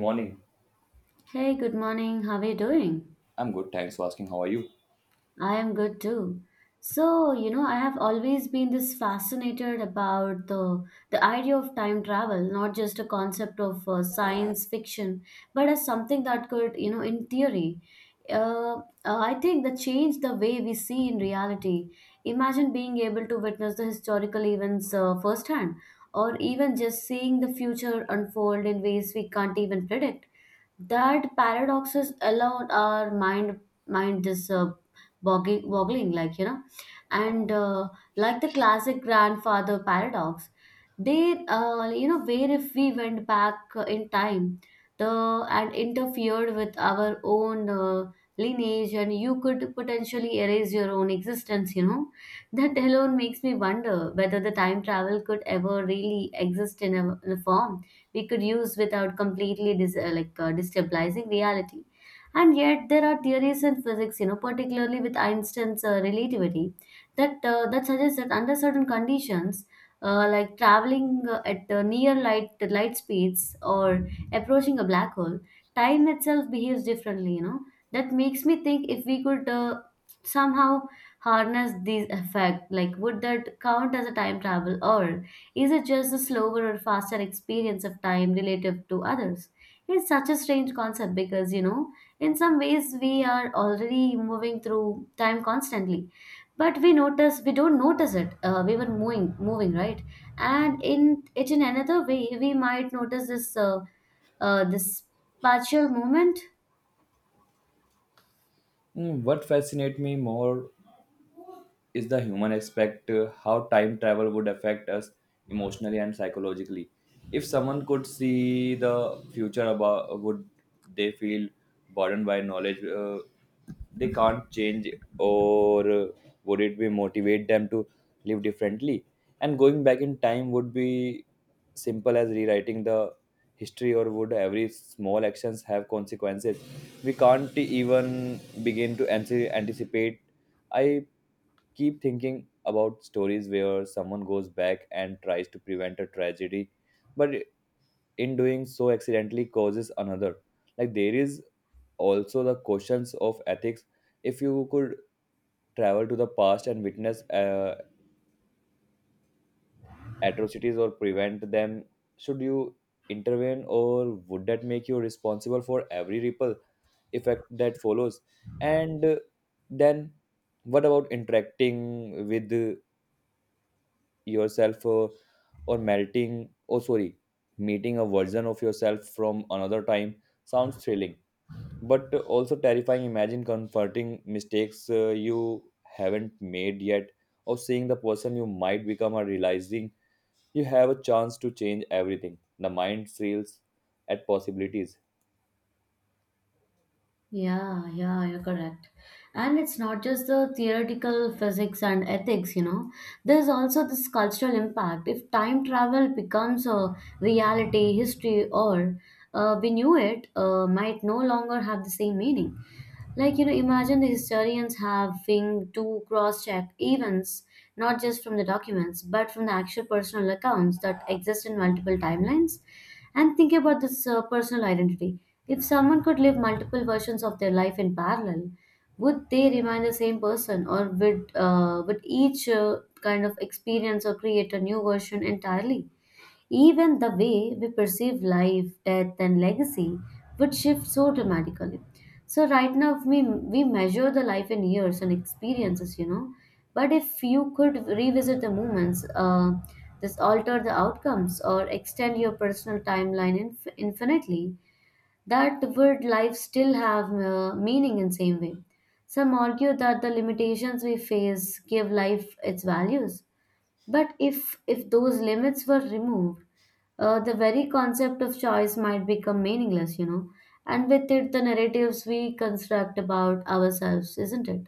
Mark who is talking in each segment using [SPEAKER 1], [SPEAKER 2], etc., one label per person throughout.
[SPEAKER 1] Morning.
[SPEAKER 2] Hey, good morning. How are you doing?
[SPEAKER 1] I'm good, thanks for asking. How are you?
[SPEAKER 2] I am good too. So, I have always been this fascinated about the idea of time travel, not just a concept of science fiction, but as something that could, in theory, uh, uh, I think that changed the way we see in reality. Imagine being able to witness the historical events firsthand, or even just seeing the future unfold in ways we can't even predict that paradoxes alone our mind this boggling and like the classic grandfather paradox they where if we went back in time the and interfered with our own lineage and you could potentially erase your own existence. That alone makes me wonder whether the time travel could ever really exist in a form we could use without completely destabilizing reality. And yet, there are theories in physics, particularly with Einstein's relativity, that suggests that under certain conditions, like traveling at near light speeds or approaching a black hole, time itself behaves differently. That makes me think if we could somehow harness these effect, like would that count as a time travel, or is it just a slower or faster experience of time relative to others? It's such a strange concept because in some ways, we are already moving through time constantly, but we don't notice it. We were moving, moving, right? And in another way, we might notice this partial movement.
[SPEAKER 1] Mm, what fascinates me more is the human aspect, how time travel would affect us emotionally and psychologically. If someone could see the future, about would they feel burdened by knowledge they can't change, or would it be motivate them to live differently? And going back in time would be simple as rewriting the history, or would every small actions have consequences we can't even begin to anticipate? I keep thinking about stories where someone goes back and tries to prevent a tragedy, but in doing so, accidentally causes another. Like, there is also the questions of ethics. If you could travel to the past and witness atrocities or prevent them, should you intervene, or would that make you responsible for every ripple effect that follows? And uh, then, what about interacting with yourself, or melting oh sorry meeting a version of yourself from another time? Sounds thrilling but also terrifying. Imagine confronting mistakes you haven't made yet, or seeing the person you might become, or realizing you have a chance to change everything. The mind thrills at possibilities.
[SPEAKER 2] Yeah, yeah, you're correct. And it's not just the theoretical physics and ethics. There's also this cultural impact. If time travel becomes a reality, history, or we knew it, might no longer have the same meaning. Like, imagine the historians having to cross check events, not just from the documents, but from the actual personal accounts that exist in multiple timelines. And think about this personal identity. If someone could live multiple versions of their life in parallel, would they remain the same person, or would each kind of experience or create a new version entirely? Even the way we perceive life, death, and legacy would shift so dramatically. So, right now, we measure the life in years and experiences. But if you could revisit the moments, just alter the outcomes, or extend your personal timeline infinitely, that would life still have meaning in same way? Some argue that the limitations we face give life its values but if those limits were removed, the very concept of choice might become meaningless, and with it the narratives we construct about ourselves, isn't it?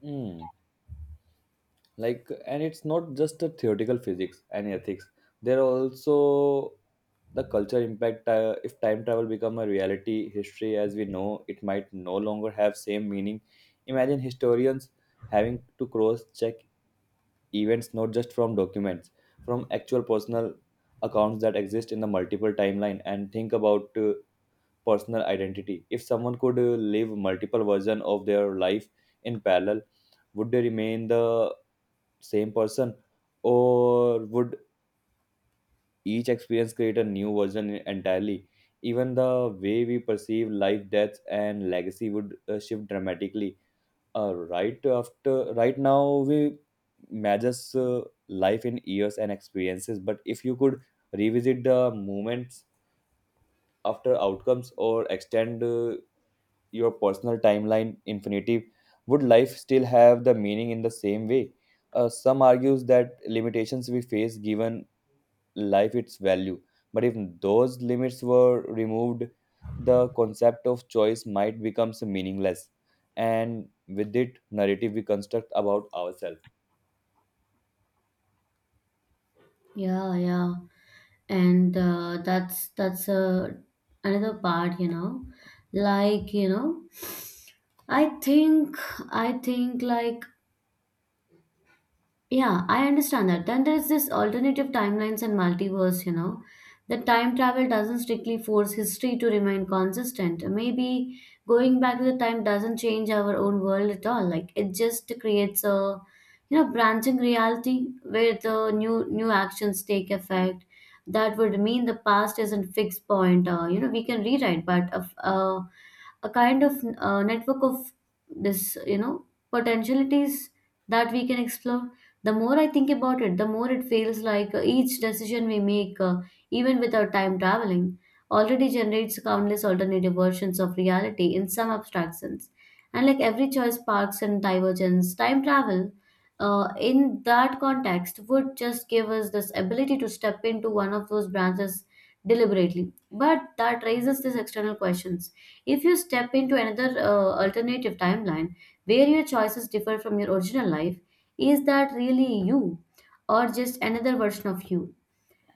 [SPEAKER 1] Hmm. Like, and it's not just the theoretical physics and ethics, there are also the culture impact. If time travel become a reality, history as we know it might no longer have same meaning. Imagine historians having to cross check events, not just from documents, from actual personal accounts that exist in the multiple timeline. And think about personal identity. If someone could live multiple version of their life in parallel, would they remain the same person, or would each experience create a new version entirely? Even the way we perceive life, death and legacy would shift dramatically. Right now we measures life in years and experiences, but if you could revisit the moments, after outcomes, or extend your personal timeline infinity, would life still have the meaning in the same way? Some argues that limitations we face given life its value. But if those limits were removed, the concept of choice might become meaningless, and with it, narrative we construct about ourselves.
[SPEAKER 2] Yeah, yeah, and that's another part, like you know, I think I think like Yeah, I understand that. Then there's this alternative timelines and multiverse. That time travel doesn't strictly force history to remain consistent. Maybe going back to the time doesn't change our own world at all. Like it just creates a, branching reality where the new new actions take effect. That would mean the past isn't fixed point. We can rewrite, but of a kind of network of this, you know, potentialities that we can explore. The more I think about it, the more it feels like each decision we make, even without time traveling, already generates countless alternative versions of reality in some abstract sense. And like every choice sparks and divergence, time travel, in that context, would just give us this ability to step into one of those branches deliberately. But that raises these external questions. If you step into another alternative timeline where your choices differ from your original life, is that really you, or just another version of you?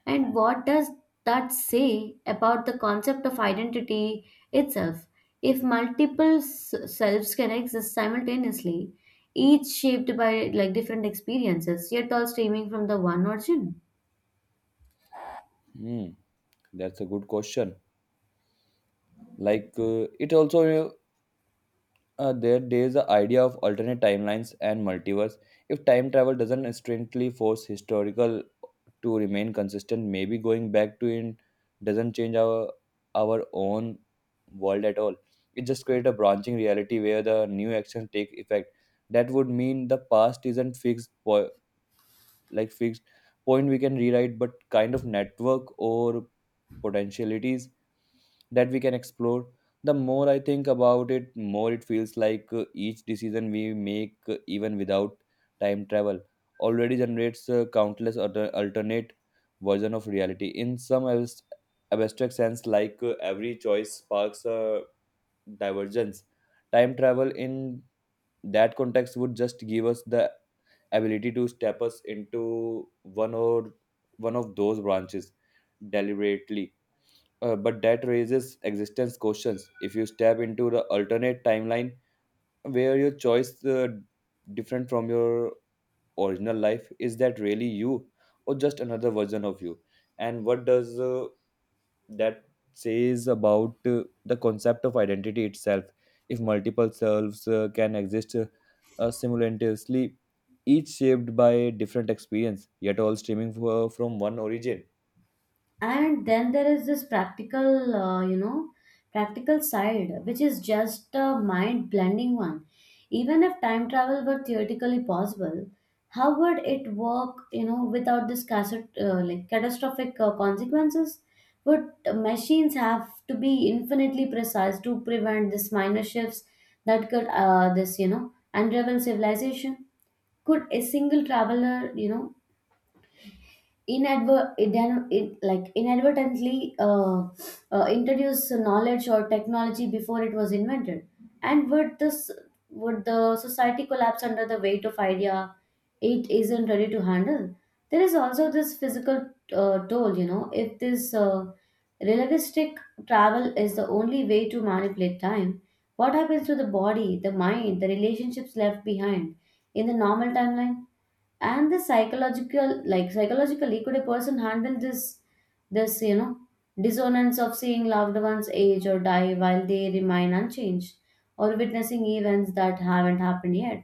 [SPEAKER 2] And what does that say about the concept of identity itself? If multiple selves can exist simultaneously, each shaped by like different experiences, yet all streaming from the one origin?
[SPEAKER 1] Hmm, that's a good question. Like, it also, there is the idea of alternate timelines and multiverse. If time travel doesn't strictly force historical to remain consistent. Maybe going back to it doesn't change our own world at all. It just creates a branching reality where the new actions take effect. That would mean the past isn't fixed, fixed point we can rewrite, but kind of network or potentialities that we can explore. The more I think about it, more it feels like, each decision we make, even without time travel, already generates countless alternate version of reality in some abstract sense. Like, every choice sparks a divergence. Time travel in that context would just give us the ability to step us into one of those branches deliberately. But that raises existence questions. If you step into the alternate timeline where your choice different from your original life, is that really you, or just another version of you? And what does that says about the concept of identity itself? If multiple selves can exist, simultaneously, each shaped by different experience, yet all streaming from one origin.
[SPEAKER 2] And then there is this practical you know practical side which is just a mind blending one. Even if time travel were theoretically possible, how would it work without this cassette, like catastrophic consequences? Would machines have to be infinitely precise to prevent this minor shifts that could this you know unravel civilization? Could a single traveler inadver- idan- in, like inadvertently introduce knowledge or technology before it was invented? And would this would the society collapse under the weight of idea it isn't ready to handle? There is also this physical toll. If this relativistic travel is the only way to manipulate time, what happens to the body, the mind, the relationships left behind in the normal timeline? And the psychologically, could a person handle this dissonance of seeing loved ones age or die while they remain unchanged, or witnessing events that haven't happened yet,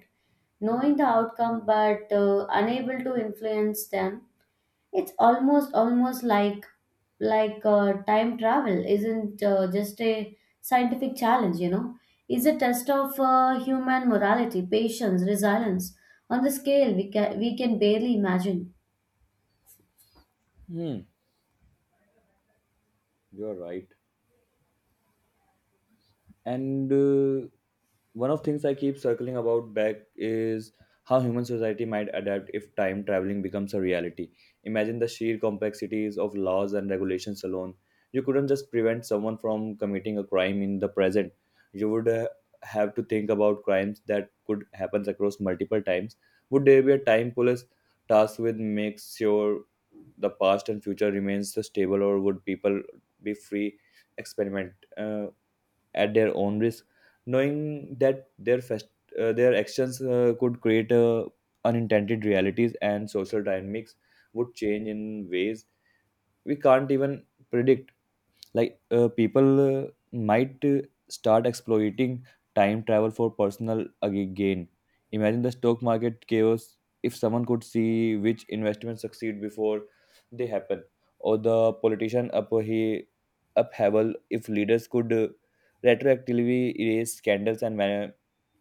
[SPEAKER 2] knowing the outcome but unable to influence them? It's almost like time travel isn't just a scientific challenge, It's a test of human morality, patience, resilience on the scale we can barely imagine.
[SPEAKER 1] Hmm, you're right. and One of things I keep circling about back is how human society might adapt if time traveling becomes a reality. Imagine the sheer complexities of laws and regulations alone. You couldn't just prevent someone from committing a crime in the present. You would have to think about crimes that could happen across multiple times. Would there be a time police tasked with make sure the past and future remains stable, or would people be free experiment? At their own risk, knowing that their actions could create unintended realities, and social dynamics would change in ways we can't even predict. Like, people might start exploiting time travel for personal gain. Imagine the stock market chaos if someone could see which investments succeed before they happen, or the politician up he upheaval if leaders could retroactively erase scandals and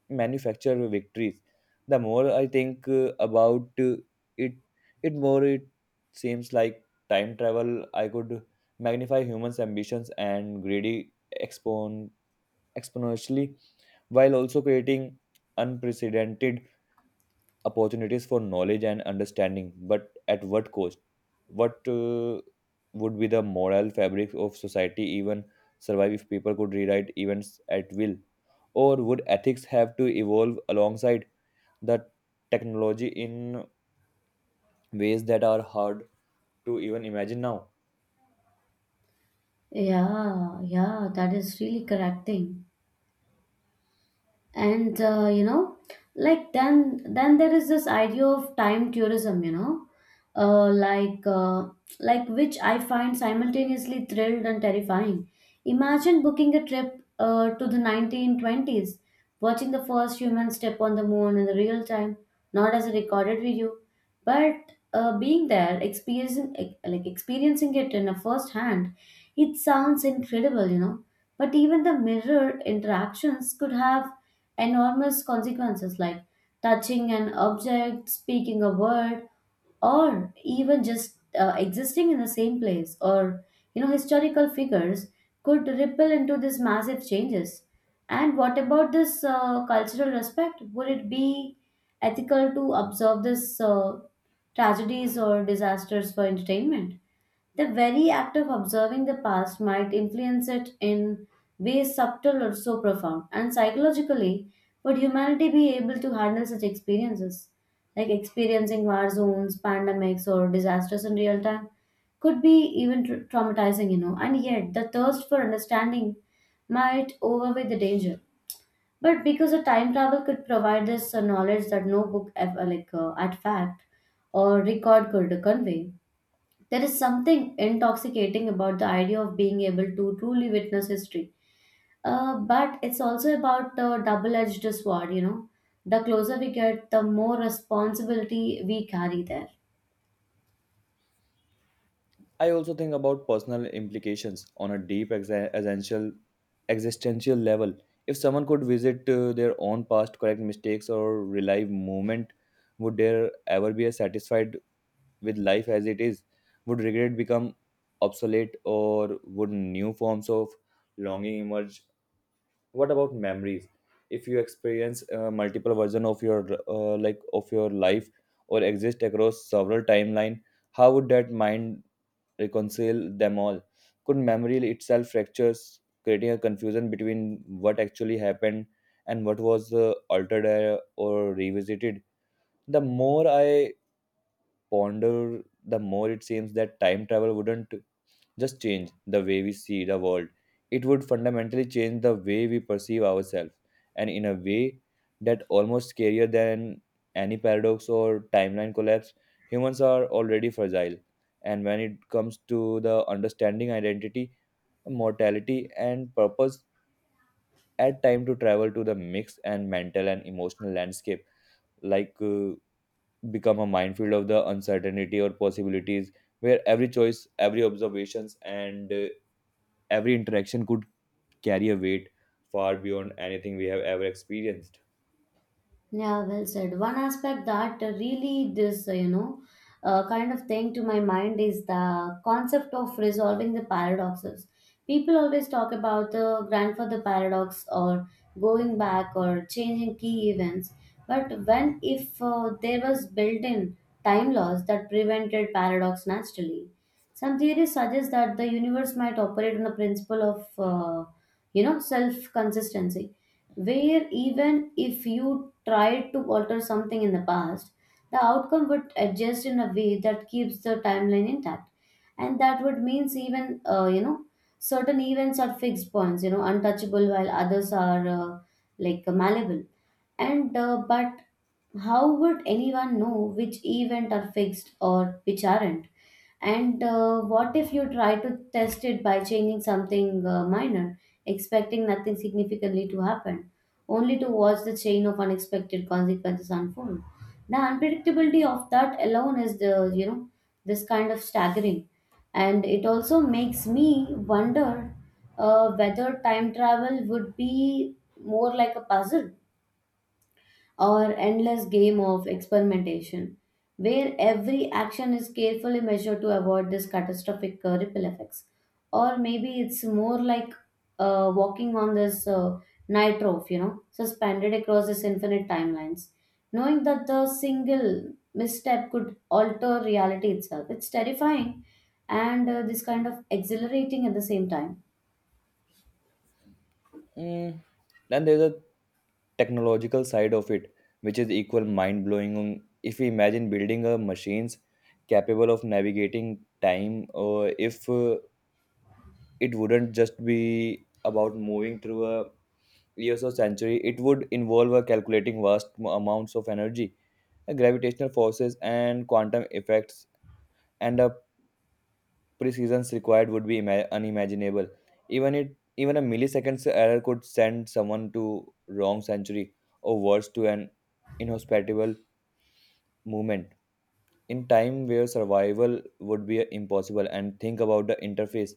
[SPEAKER 1] manufacture victories. The more I think about it, it more it seems like time travel. I could magnify humans' ambitions and greedy, expon- exponentially, while also creating unprecedented opportunities for knowledge and understanding. But at what cost? What Would be the moral fabric of society even survive if people could rewrite events at will? Or would ethics have to evolve alongside the technology in ways that are hard to even imagine now?
[SPEAKER 2] Yeah, yeah, that is really correct thing. And then there is this idea of time tourism, uh, like uh, which I find simultaneously thrilled and terrifying. Imagine booking a trip to the 1920s, watching the first human step on the moon in the real time, not as a recorded video but being there experiencing experiencing it in a first hand. It sounds incredible, but even the mirror interactions could have enormous consequences, like touching an object, speaking a word, or even just existing in the same place or historical figures could ripple into these massive changes. And what about this cultural respect? Would it be ethical to observe this tragedies or disasters for entertainment? The very act of observing the past might influence it in ways subtle or so profound. And psychologically, would humanity be able to handle such experiences? Like experiencing war zones, pandemics, or disasters in real time could be even traumatizing. And yet, the thirst for understanding might overweigh the danger. But because a time travel could provide this knowledge that no book ever, at fact or record could convey, there is something intoxicating about the idea of being able to truly witness history. But it's also about a double edged sword. The closer we get, the more responsibility we carry there.
[SPEAKER 1] I also think about personal implications on a deep, essential existential level. If someone could visit their own past, correct mistakes, or relive moment, would there ever be a satisfied with life as it is? Would regret become obsolete, or would new forms of longing emerge? What about memories? If you experience multiple version of your like of your life, or exist across several timeline, how would that mind reconcile them all? Could memory itself fractures, creating a confusion between what actually happened and what was altered or revisited? The more I ponder, the more it seems that time travel wouldn't just change the way we see the world, it would fundamentally change the way we perceive ourselves, and in a way that almost scarier than any paradox or timeline collapse. Humans are already fragile, and when it comes to the understanding identity, mortality, and purpose, add time to travel to the mix and mental and emotional landscape, like uh, become a minefield of the uncertainty or possibilities, where every choice, every observations, and every interaction could carry a weight far beyond anything we have ever experienced.
[SPEAKER 2] Yeah, well said. One aspect that really this, kind of thing to my mind is the concept of resolving the paradoxes. People always talk about the grandfather paradox or going back or changing key events. But when if there was built-in time laws that prevented paradox naturally? Some theories suggest that the universe might operate on the principle of, self-consistency where even if you tried to alter something in the past, the outcome would adjust in a way that keeps the timeline intact. And that would means even, certain events are fixed points, untouchable while others are malleable. And but how would anyone know which event are fixed or which aren't? And what if you try to test it by changing something minor, expecting nothing significantly to happen? Only to watch the chain of unexpected consequences unfold. The unpredictability of that alone is the this kind of staggering, and it also makes me wonder whether time travel would be more like a puzzle or endless game of experimentation, where every action is carefully measured to avoid this catastrophic ripple effects. Or maybe it's more like walking on this night, suspended across this infinite timelines, knowing that the single misstep could alter reality itself. It's terrifying and this kind of exhilarating at the same time.
[SPEAKER 1] Mm, then there's a technological side of it, which is equal mind blowing. If we imagine building a machines capable of navigating time, or if it wouldn't just be about moving through a years or century. It would involve a calculating vast amounts of energy, gravitational forces, and quantum effects, and a precisions required would be unimaginable. Even a milliseconds error could send someone to wrong century, or worse to an inhospitable movement. In time where survival would be impossible. And think about the interface.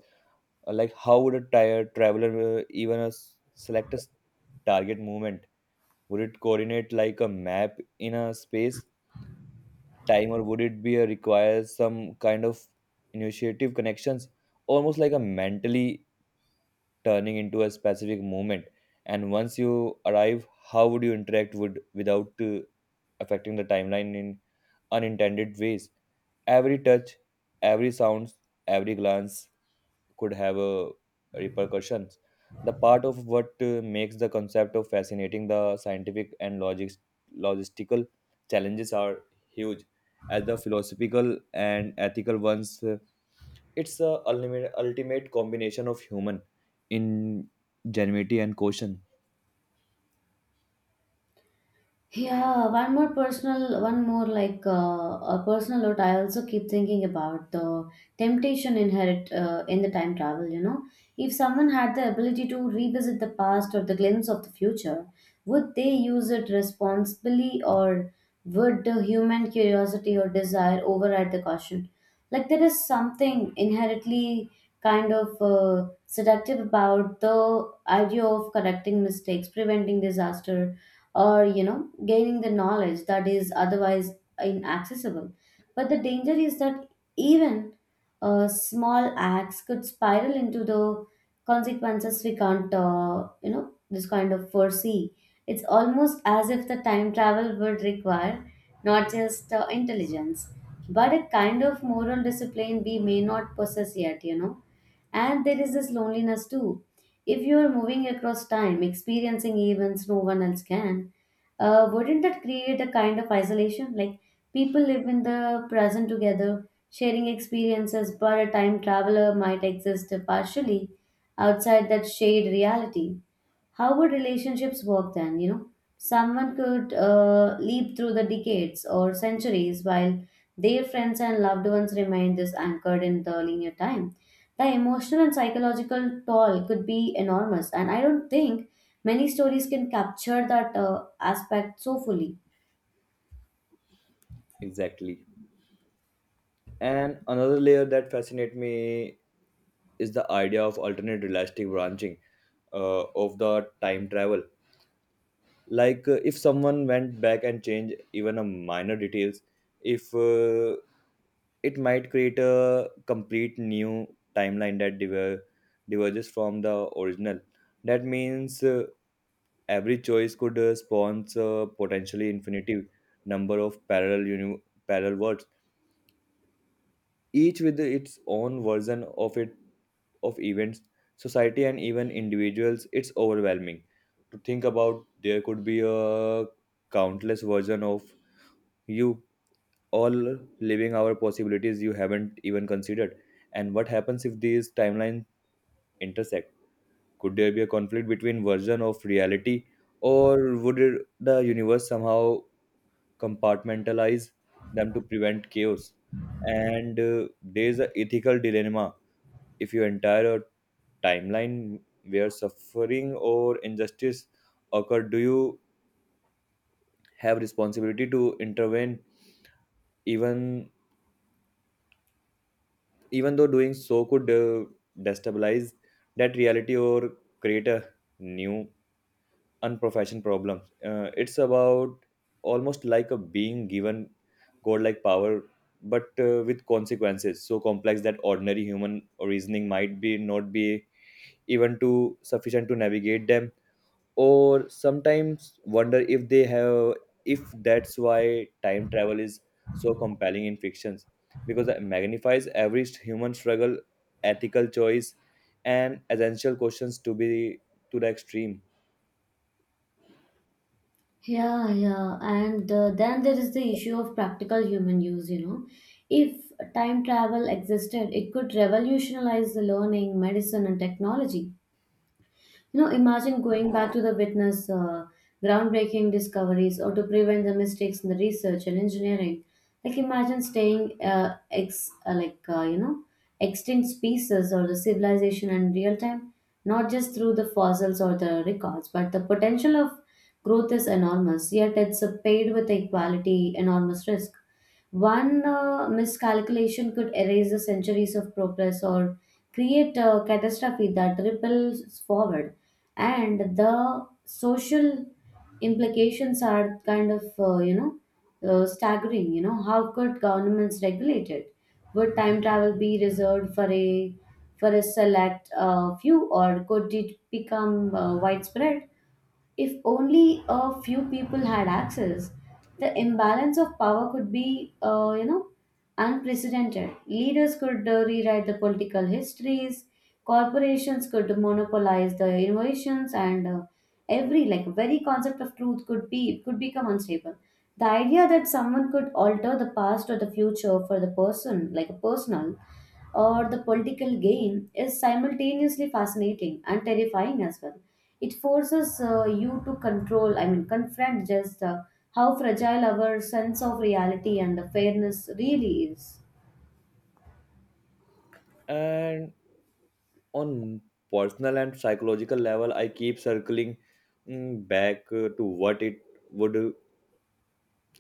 [SPEAKER 1] How would a tire traveler even select target movement? Would it coordinate like a map in a space time, or would it be a require some kind of initiative connections, almost like a mentally turning into a specific moment? And once you arrive, how would you interact would without affecting the timeline in unintended ways? Every touch, every sound, every glance could have a repercussions. The part of what makes the concept of fascinating, the scientific and logic logistical challenges are huge as the philosophical and ethical ones. It's the ultimate, ultimate combination of human ingenuity and caution.
[SPEAKER 2] Yeah, one more a personal note. I also keep thinking about the temptation inherent in the time travel. You know, if someone had the ability to revisit the past or the glimpse of the future, would they use it responsibly or would the human curiosity or desire override the caution? Like there is something inherently kind of seductive about the idea of correcting mistakes, preventing disaster or gaining the knowledge that is otherwise inaccessible, but the danger is that even small acts could spiral into the consequences we can't this kind of foresee. It's almost as if the time travel would require not just intelligence but a kind of moral discipline we may not possess yet, you know. And there is this loneliness too. If you are moving across time, experiencing events no one else can, wouldn't that create a kind of isolation? Like people live in the present together, sharing experiences, but a time traveler might exist partially outside that shared reality. How would relationships work then? You know, someone could leap through the decades or centuries while their friends and loved ones remain this anchored in the linear time. The emotional and psychological toll could be enormous, and I don't think many stories can capture that aspect so fully.
[SPEAKER 1] Exactly. And another layer that fascinates me is the idea of alternate realistic branching of the time travel. Like, if someone went back and changed even a minor details, if it might create a complete new timeline that diverges from the original. That means Every choice could spawn a potentially infinity number of parallel worlds, each with its own version of it of events, society, and even individuals. It's overwhelming to think about. There could be a countless version of you, all living our possibilities you haven't even considered. And what happens if these timelines intersect? Could there be a conflict between version of reality, or would it, the universe somehow compartmentalize them to prevent chaos? And there's an ethical dilemma. If you entire timeline where suffering or injustice occur, do you have responsibility to intervene, even even though doing so could destabilize that reality or create a new Unprofessional problems it's about almost like a being given godlike power but with consequences so complex that ordinary human reasoning might be not be even too sufficient to navigate them, or sometimes wonder if they have, if that's why time travel is so compelling in fictions, because it magnifies every human struggle, ethical choice, and essential questions to be to the extreme.
[SPEAKER 2] Yeah, yeah. And then there is the issue of practical human use, you know. If time travel existed, it could revolutionize the learning, medicine, and technology. You know, imagine going back to the witness groundbreaking discoveries or to prevent the mistakes in the research and engineering. Like imagine staying ex like you know extinct species or the civilization in real time, not just through the fossils or the records, but the potential of growth is enormous. Yet it's paid with equality enormous risk. One miscalculation could erase the centuries of progress or create a catastrophe that ripples forward. And the social implications are kind of, staggering. You know, how could governments regulate it? Would time travel be reserved for a select few, or could it become widespread? If only a few people had access, the imbalance of power could be, unprecedented. Leaders could rewrite the political histories, corporations could monopolize the innovations, and every like very concept of truth could become unstable. The idea that someone could alter the past or the future for the person, like a personal or the political gain, is simultaneously fascinating and terrifying as well. It forces you to control, I mean, confront just how fragile our sense of reality and the fairness really is.
[SPEAKER 1] And on personal and psychological level, I keep circling back to what it would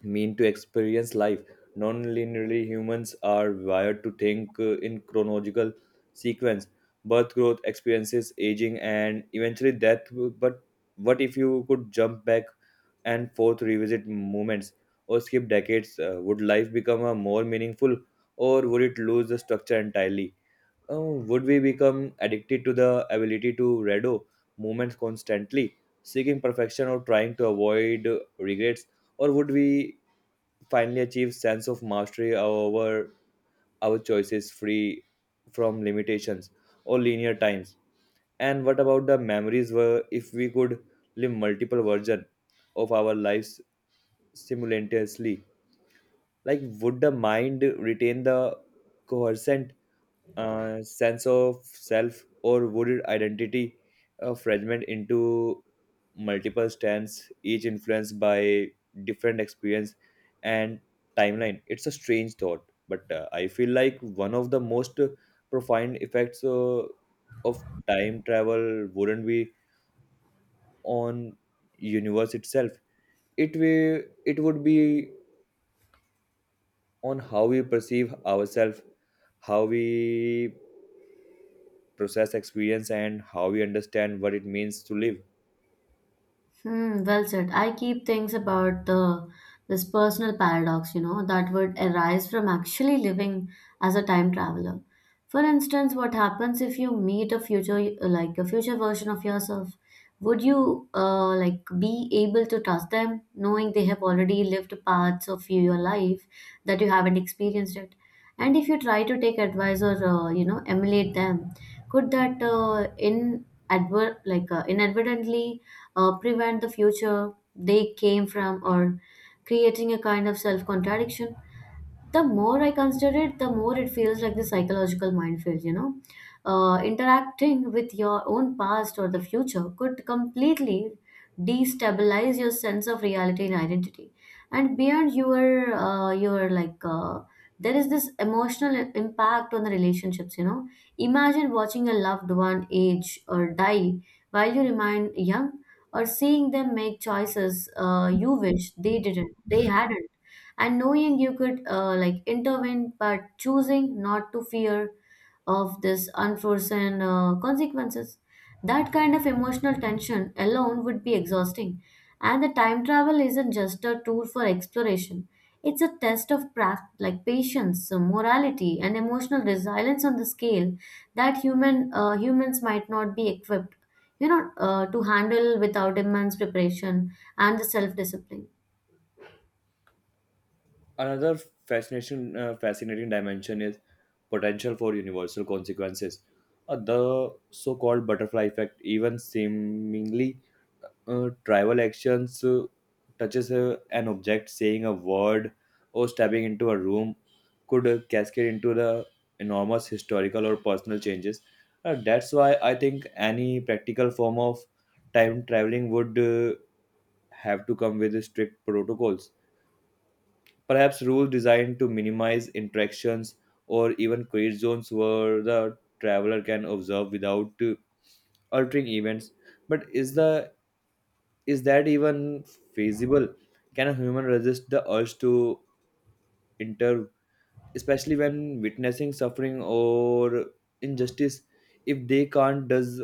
[SPEAKER 1] mean to experience life non-linearly. Humans are wired to think in chronological sequence: birth, growth, experiences, aging, and eventually death. But what if you could jump back and forth, revisit moments or skip decades? Uh, would life become a more meaningful, or would it lose the structure entirely? Uh, would we become addicted to the ability to redo moments constantly, seeking perfection or trying to avoid regrets, or would we finally achieve sense of mastery over our choices, free from limitations or linear times? And what about the memories were, if we could live multiple versions of our lives simultaneously? Like would the mind retain the coherent sense of self, or would identity fragment into multiple strands, each influenced by different experience and timeline. It's a strange thought, but I feel like one of the most profound effects of time travel wouldn't be on universe itself. It would be on how we perceive ourselves, how we process experience, and how we understand what it means to live.
[SPEAKER 2] Hmm, well said. I keep things about the this personal paradox, you know, that would arise from actually living as a time traveler. For instance, what happens if you meet a future like a future version of yourself? Would you be able to trust them, knowing they have already lived parts of your life that you haven't experienced it? And if you try to take advice or emulate them, could that in adver- like inadvertently prevent the future they came from or creating a kind of self contradiction? The more I consider it, the more it feels like the psychological minefield, you know. Interacting with your own past or the future could completely destabilize your sense of reality and identity. And beyond there is this emotional impact on the relationships, you know. Imagine watching a loved one age or die while you remain young, or seeing them make choices you wish they hadn't, and knowing you could intervene but choosing not to, fear of this unforeseen consequences. That kind of emotional tension alone would be exhausting. And the time travel isn't just a tool for exploration, it's a test of patience, morality and emotional resilience on the scale that humans might not be equipped, you know, to handle without immense preparation and the self discipline.
[SPEAKER 1] Another fascinating dimension is potential for universal consequences. The so called butterfly effect, even seemingly trivial actions, touches an object, saying a word, or stepping into a room, could cascade into the enormous historical or personal changes. That's why I think any practical form of time traveling would have to come with strict protocols. Perhaps rules designed to minimize interactions, or even create zones where the traveler can observe without altering events. But is that even feasible? Can a human resist the urge to intervene, especially when witnessing suffering or injustice? If they can't, does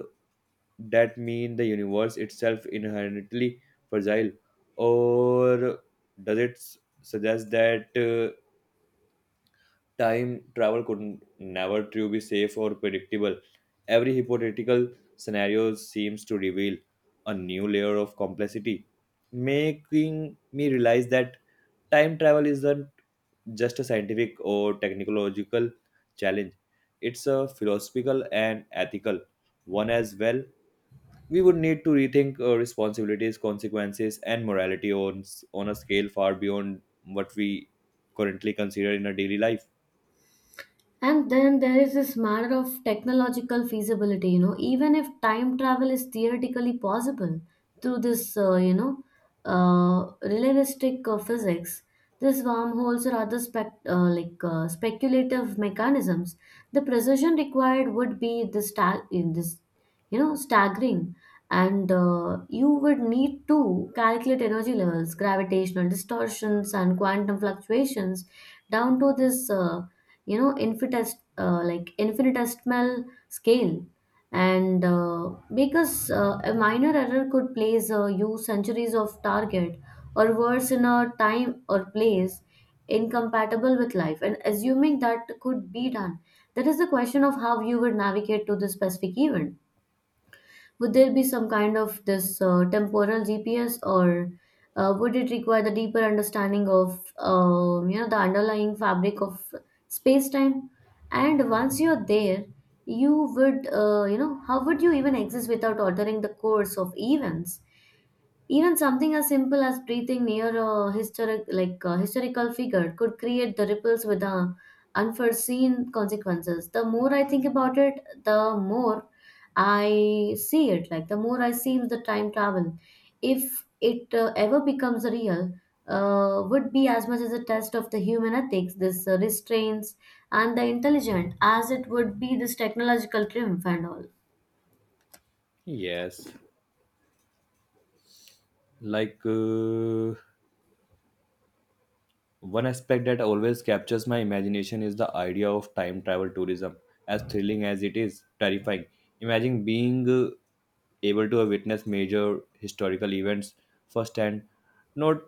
[SPEAKER 1] that mean the universe itself inherently fragile, or does it suggest that time travel could never truly be safe or predictable. Every hypothetical scenario seems to reveal a new layer of complexity, making me realize that time travel isn't just a scientific or technological challenge. It's a philosophical and ethical one as well. We would need to rethink our responsibilities, consequences, and morality on a scale far beyond what we currently consider in our daily life.
[SPEAKER 2] And then there is this matter of technological feasibility, you know, even if time travel is theoretically possible through this, relativistic physics, this wormholes or other speculative mechanisms, the precision required would be this stag in this, you know, staggering, and you would need to calculate energy levels, gravitational distortions, and quantum fluctuations down to this. You know infinitest like Infinitesimal scale, and because a minor error could place you centuries of target, or worse, in a time or place incompatible with life. And assuming that could be done, that is the question of how you would navigate to this specific event. Would there be some kind of this temporal GPS, or would it require the deeper understanding of the underlying fabric of space time? And once you're there, you would how would you even exist without altering the course of events? Even something as simple as breathing near a historical figure, could create the ripples with the unforeseen consequences. The more I think about it, the more I see it. Like the more I see the time travel, if it ever becomes real, would be as much as a test of the human ethics, this restraints, and the intelligent as it would be this technological triumph and all.
[SPEAKER 1] Yes, like uh, one aspect that always captures my imagination is the idea of time travel tourism. As thrilling as it is, terrifying. Imagine being able to witness major historical events firsthand, not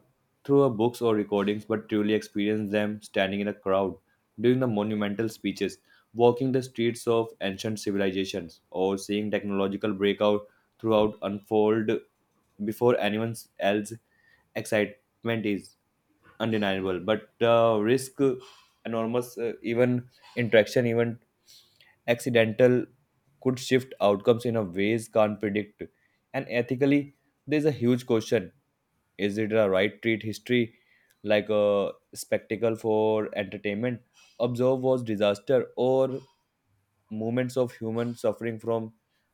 [SPEAKER 1] through a books or recordings, but truly experience them standing in a crowd, doing the monumental speeches, walking the streets of ancient civilizations, or seeing technological breakout throughout unfold before anyone else. Excitement is undeniable, but risk enormous, even interaction, even accidental, could shift outcomes in a ways can't predict. And ethically, there's a huge question: is it a right treat history like a spectacle for entertainment, observe was disaster or moments of human suffering from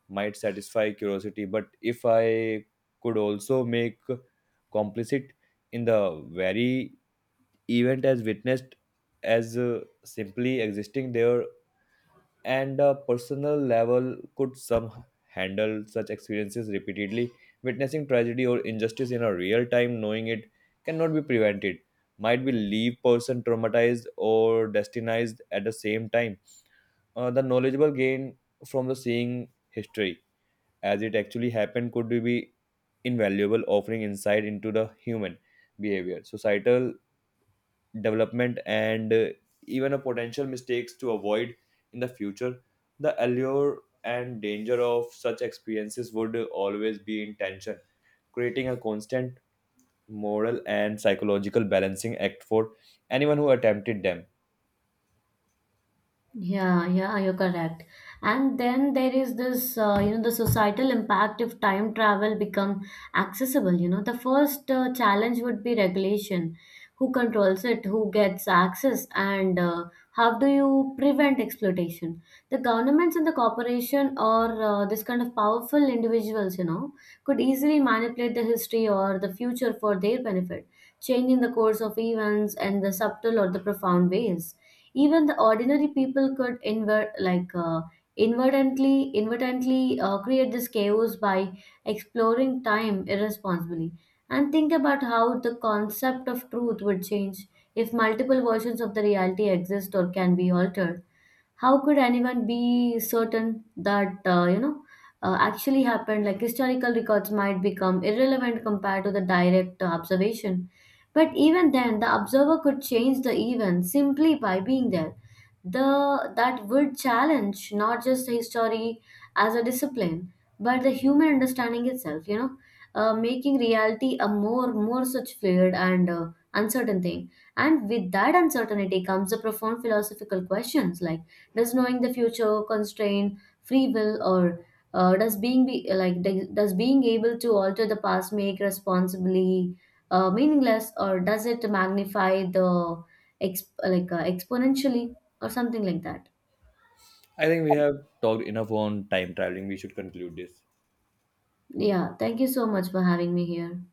[SPEAKER 1] might satisfy curiosity, but if I could also make complicit in the very event as witnessed, as simply existing there. And a personal level, could some handle such experiences repeatedly, witnessing tragedy or injustice in a real time knowing it cannot be prevented, might be leave person traumatized or destinized at the same time. The knowledgeable gain from the seeing history as it actually happened could be invaluable, offering insight into the human behavior, societal development, and even a potential mistakes to avoid in the future. The allure and danger of such experiences would always be in tension, creating a constant moral and psychological balancing act for anyone who attempted them.
[SPEAKER 2] Yeah, yeah, you're correct. And then there is this, the societal impact if time travel become accessible. You know, the first challenge would be regulation. Who controls it? Who gets access? And how do you prevent exploitation? The governments and the corporation or this kind of powerful individuals, you know, could easily manipulate the history or the future for their benefit, changing the course of events in the subtle or the profound ways. Even the ordinary people could invert like inadvertently inadvertently create this chaos by exploring time irresponsibly. And think about how the concept of truth would change if multiple versions of the reality exist or can be altered. How could anyone be certain that actually happened? Like historical records might become irrelevant compared to the direct observation, but even then the observer could change the event simply by being there. The That would challenge not just history as a discipline, but the human understanding itself, you know, making reality a more such fluid and uncertain thing. And with that uncertainty comes the profound philosophical questions, like does knowing the future constrain free will, or does being be like d- does being able to alter the past make responsibly meaningless, or does it magnify the exponentially or something like that?
[SPEAKER 1] I think we have talked enough on time traveling, we should conclude this.
[SPEAKER 2] Yeah, thank you so much for having me here.